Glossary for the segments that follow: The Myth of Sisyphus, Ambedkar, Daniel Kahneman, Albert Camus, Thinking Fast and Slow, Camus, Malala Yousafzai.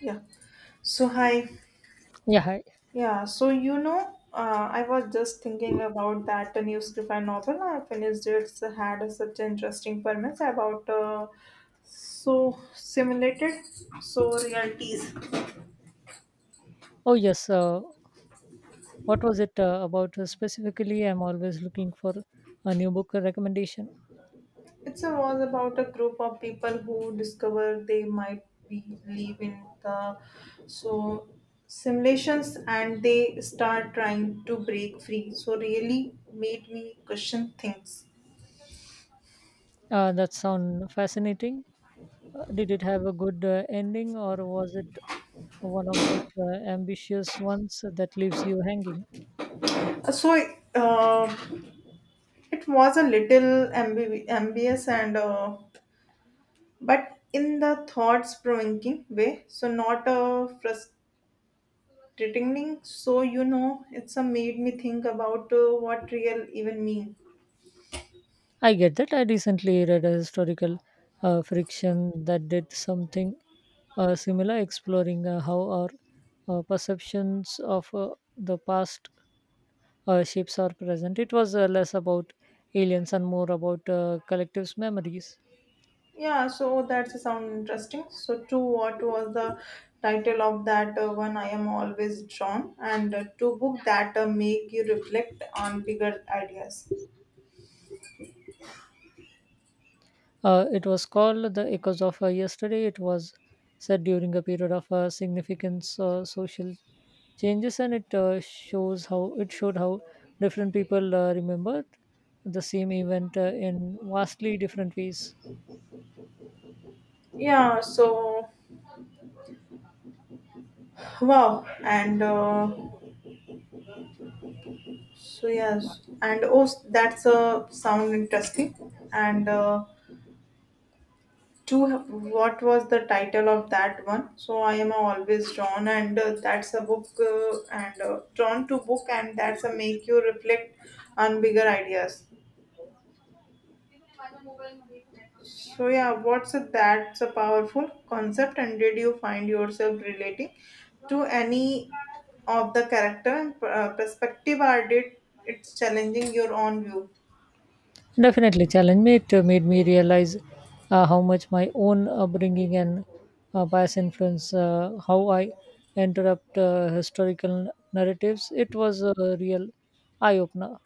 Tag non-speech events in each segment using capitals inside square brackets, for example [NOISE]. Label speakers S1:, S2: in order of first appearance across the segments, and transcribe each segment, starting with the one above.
S1: Yeah. So hi.
S2: Yeah, hi.
S1: Yeah. I was just thinking about that new sci-fi novel I finished. It's had such interesting premise about so simulated realities.
S2: Oh, yes. What was it about specifically? I'm always looking for a new book recommendation.
S1: It was about a group of people who discover they might be live in the so simulations and they start trying to break free. So really made me question things.
S2: That sound fascinating. Did it have a good ending, or was it one of those ambitious ones that leaves you hanging?
S1: So, uh, It was a little ambiguous but in the thoughts provoking way, so not a frustrating. So it's a made me think about what real even mean.
S2: I get that. I recently read a historical fiction that did something similar, exploring how our perceptions of the past shapes are present. It was less about aliens and more about collective's memories.
S1: Yeah, so that's a sound interesting. So, to what was the title of that one I am always drawn, and to book that make you reflect on bigger ideas.
S2: It was called the Echoes of Yesterday. It was set during a period of significant social changes, and it shows how it showed how different people remembered the same event in vastly different ways.
S1: Yeah, so wow, and So yes, and oh, That's a sound interesting. And Two, what was the title of that one? So I am always drawn, and that's a book, and drawn to book, and that's a make you reflect on bigger ideas. That's a powerful concept, and did you find yourself relating to any of the character and perspective, or did it's challenging your own view?
S2: Definitely, challenge me. It made me realize how much my own upbringing and bias influence how I interrupt historical narratives. It was a real eye opener.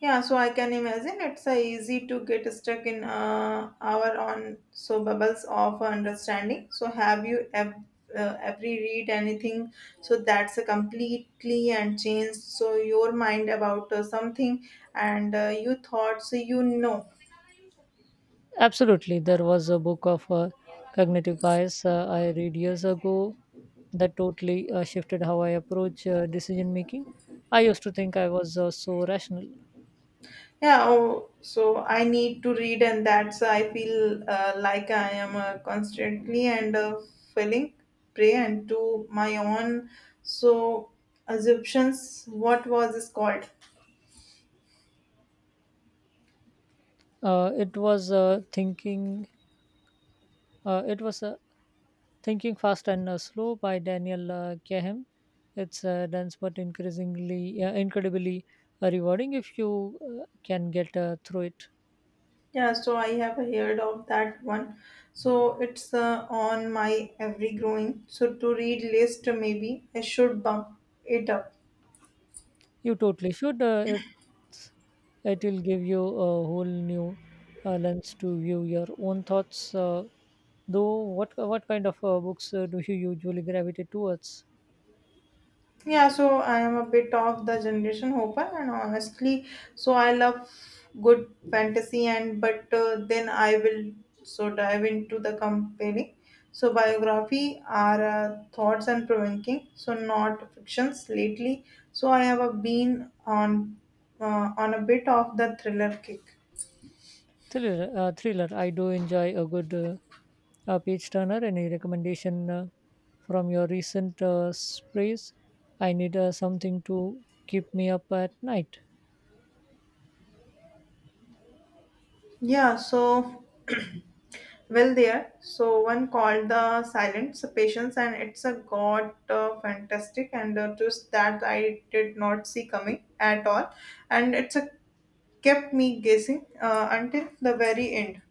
S1: Yeah, so I can imagine it's easy to get stuck in our own bubbles of understanding. So have ever read anything that's a completely and changed your mind about something and you thought.
S2: Absolutely, there was a book of cognitive bias I read years ago that totally shifted how I approach decision making. I used to think I was so rational.
S1: Yeah, oh, so I need to read, and that's I feel like I am constantly and falling prey and to my own so assumptions. What was this called?
S2: Uh, it was uh, thinking. It was Thinking Fast and Slow by Daniel Kahem. It's dense but increasingly, incredibly rewarding if you can get through it.
S1: Yeah, so I have heard of that one. So it's on my every growing. So to read list, maybe I should bump it up.
S2: You totally should. It's, it will give you a whole new lens to view your own thoughts. What kind of books do you usually gravitate towards?
S1: Yeah, so I am a bit of the generation hopper, and honestly, so I love good fantasy, and but then I will dive into the compelling. So biography are thoughts and provoking, so not fictions lately. So I have been on a bit of the thriller kick.
S2: Thriller. I do enjoy a good page turner. Any recommendation from your recent sprays? I need something to keep me up at night.
S1: Yeah, so [CLEARS THROAT] well there. So one called the silence Patience, and it's a god fantastic and twist that I did not see coming at all, and it's a kept me guessing until the very end.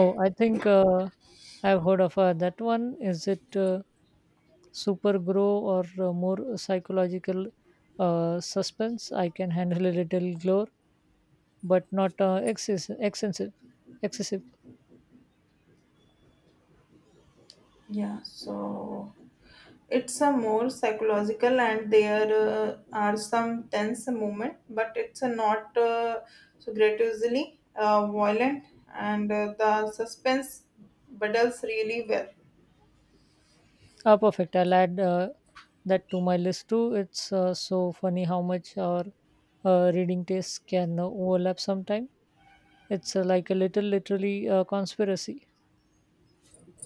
S2: Oh, I think I've heard of that one. Is it super grow or more psychological suspense? I can handle a little gore, but not excessive. excessive
S1: Yeah, so it's a more psychological, and there are some tense moment, but it's a not gratuitously violent, and the suspense builds really well.
S2: Oh, perfect. I'll add that to my list too. It's so funny how much our reading tastes can overlap sometime. It's like a little, literally, conspiracy.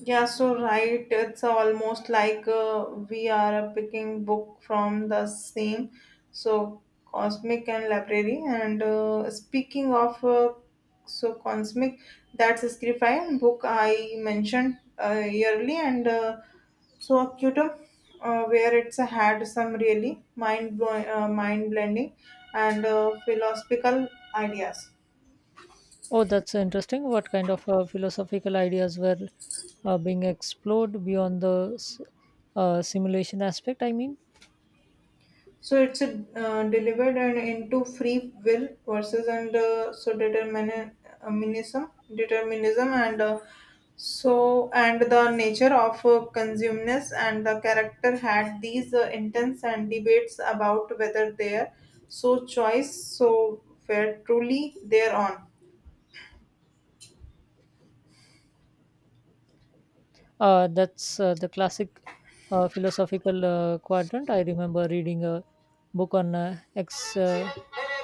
S1: Yeah, so right. It's almost like we are picking book from the same, cosmic and library. And Speaking of cosmic, that's Scrify book I mentioned early, and so Acutum, where it's had some really mind blending and philosophical ideas.
S2: Oh, that's interesting. What kind of philosophical ideas were being explored beyond the simulation aspect? I mean,
S1: So it's a, delivered and into free will versus and so determinism and the nature of consumeness and the character had these intense and debates about whether their choice were truly their own.
S2: That's the classic philosophical quadrant. I remember reading a book on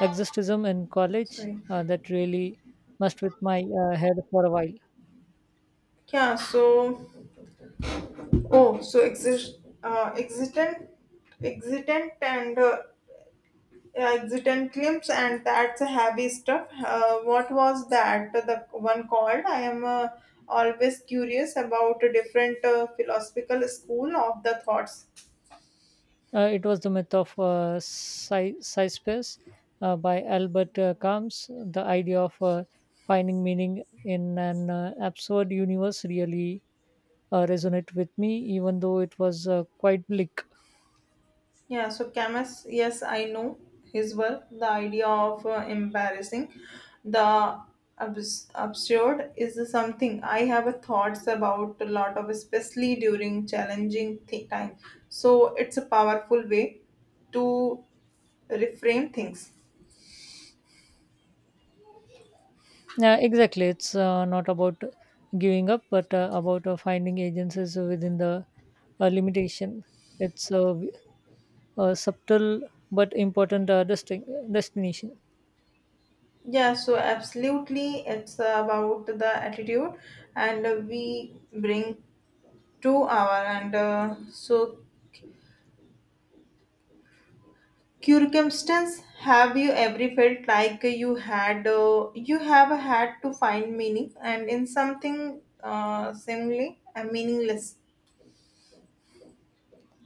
S2: existism in college
S1: Sorry.
S2: that really messed with my head for a while.
S1: Yeah, so oh, so exist, existent, existent, and Exit and clips and that's a heavy stuff. What was that? The one called? I am always curious about a different philosophical school of the thoughts.
S2: It was The Myth of Cyphers by Albert Camus. The idea of finding meaning in an absurd universe really resonated with me, even though it was quite bleak.
S1: Yeah, so Camus, yes, I know his work. The idea of embarrassing the absurd is something I have a thoughts about a lot of, especially during challenging time. So it's a powerful way to reframe things.
S2: Yeah, exactly. It's not about giving up, but about finding agencies within the limitation. It's a, w- a subtle but important destination.
S1: Yeah, so absolutely, it's about the attitude and we bring to our and so circumstance. Have you ever felt like you had you have had to find meaning and in something seemingly meaningless?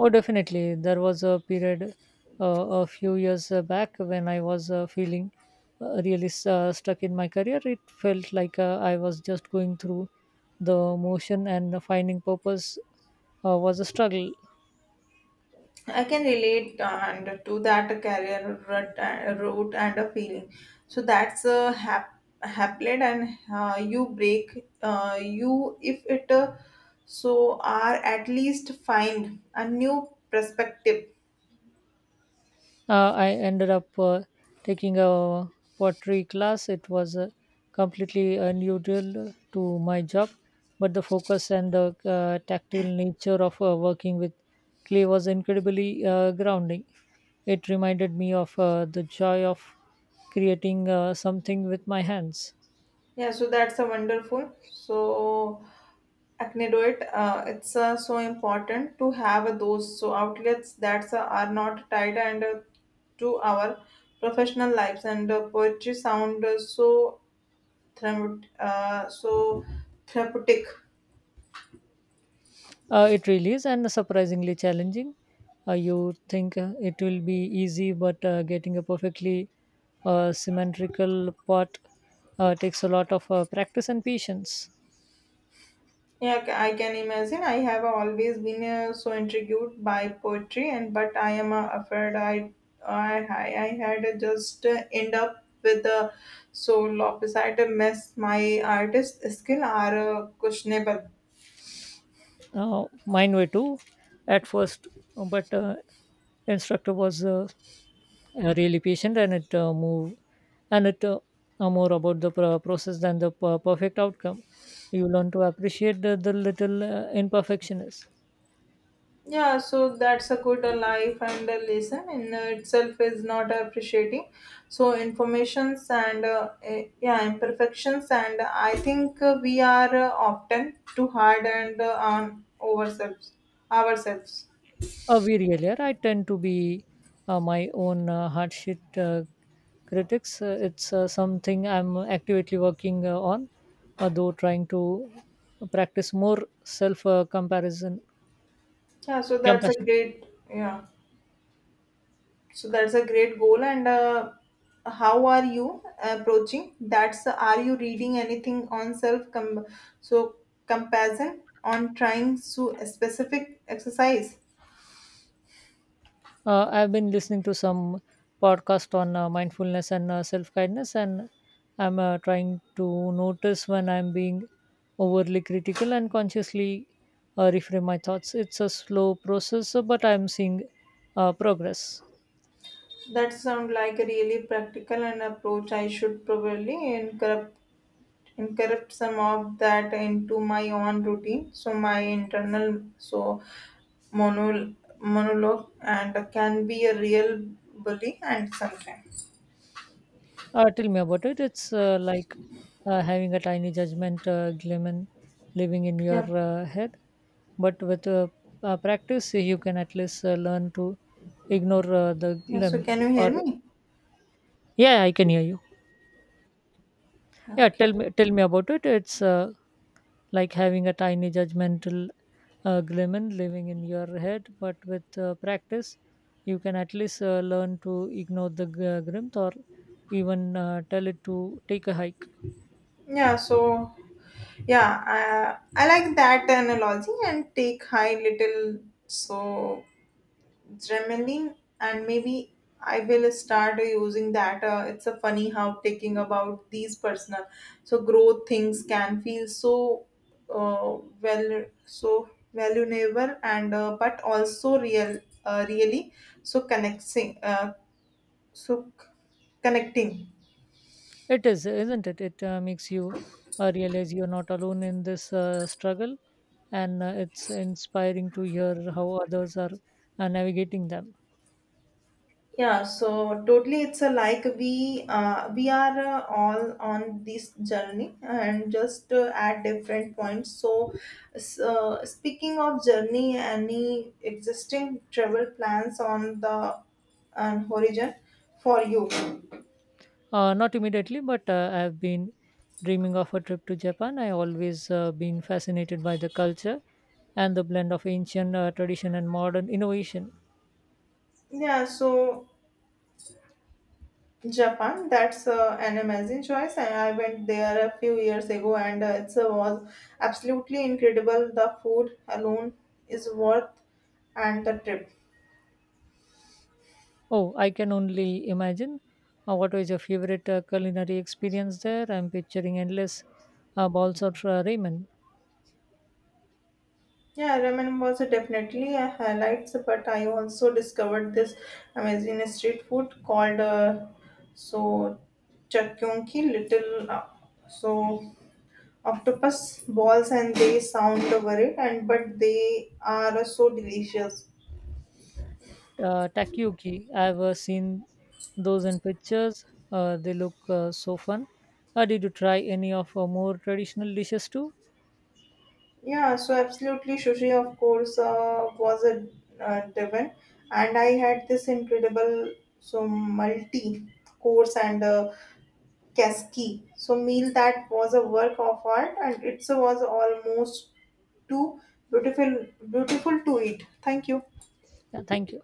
S2: Oh, definitely. There was a period a few years back when I was feeling stuck in my career. It felt like I was just going through the motion, and finding purpose was a struggle.
S1: I can relate and to that route and a feeling. So that's a haplet and you break you if it are at least find a new perspective.
S2: I ended up taking a pottery class. It was completely unusual to my job, but the focus and the tactile nature of working with clay was incredibly grounding. It reminded me of the joy of creating something with my hands.
S1: Yeah, so that's a wonderful. So acnedoid it's important to have those outlets that are not tied and to our professional lives and poetry sound Thrum- uh, so therapeutic.
S2: It really is, and surprisingly challenging. You think it will be easy, but getting a perfectly symmetrical pot takes a lot of practice and patience.
S1: Yeah, I can imagine. I have always been so intrigued by poetry, and but I am afraid I had just end up with a lopsided mess. My artist skill are questionable.
S2: Mine were too at first, but instructor was really patient, and it moved, and it more about the process than the perfect outcome. You learn to appreciate the little imperfections.
S1: Yeah, so that's a good life and a lesson in itself is not appreciating. So informations yeah imperfections and I think we are often too hard and on ourselves.
S2: A very earlier, I tend to be my own hard shit critics. It's something I'm actively working on, though trying to practice more self comparison
S1: Yeah, so that's a
S2: compassion.
S1: great yeah. So that's a great goal and how are you approaching? That's are you reading anything on self com- so comparison on trying so specific exercise?
S2: I've been listening to some podcast on mindfulness and self kindness, and I'm trying to notice when I'm being overly critical and consciously reframe my thoughts. It's a slow process, but I'm seeing progress.
S1: That sounds like a really practical an approach. I should probably incorporate some of that into my own routine, so my internal mono, monologue and can be a real bully and sometimes.
S2: Tell me about it. It's like having a tiny judgment lemon living in your
S1: Yeah.
S2: head, but with practice, you can at least learn to ignore the
S1: Yeah. So
S2: lemon.
S1: can you hear
S2: Or
S1: me?
S2: yeah, I can hear you.
S1: Yeah,
S2: Yeah,
S1: okay.
S2: tell me about it. It's like having a tiny judgmental lemon living in your head, but with practice, you can at least learn to ignore the grimt or even tell it to take a hike.
S1: Yeah. So yeah, I like that analogy and take high little so Dremeling, and maybe I will start using that. It's a funny how taking about these personal, so growth things can feel so so valuable and but also real, really connecting, so c- connecting.
S2: It is, isn't it? It makes you realize you're not alone in this struggle, and it's inspiring to hear how others are navigating them.
S1: Yeah, so totally, it's a like we are all on this journey and just at different points. So, speaking of journey, any existing travel plans on the horizon for you?
S2: Not immediately, but I've been dreaming of a trip to Japan. I always been fascinated by the culture and the blend of ancient tradition and modern innovation.
S1: Yeah, so Japan, that's an amazing choice. And I went there a few years ago, and it was absolutely incredible. The food alone is worth and the trip.
S2: Oh, I can only imagine. What was your favorite culinary experience there? I'm picturing endless balls of ramen.
S1: Yeah, ramen was definitely a highlight, but I also discovered this amazing street food called so chakyong little so octopus balls, and they sound worried, and but they are so delicious.
S2: Takoyaki. I've seen those in pictures. They look so fun. Did you try any of more traditional dishes too?
S1: Yeah, so absolutely sushi, of course, was a driven, and I had this incredible multi course and Keski. So meal that was a work of art and it was almost too beautiful to eat. Thank you.
S2: Yeah, thank you.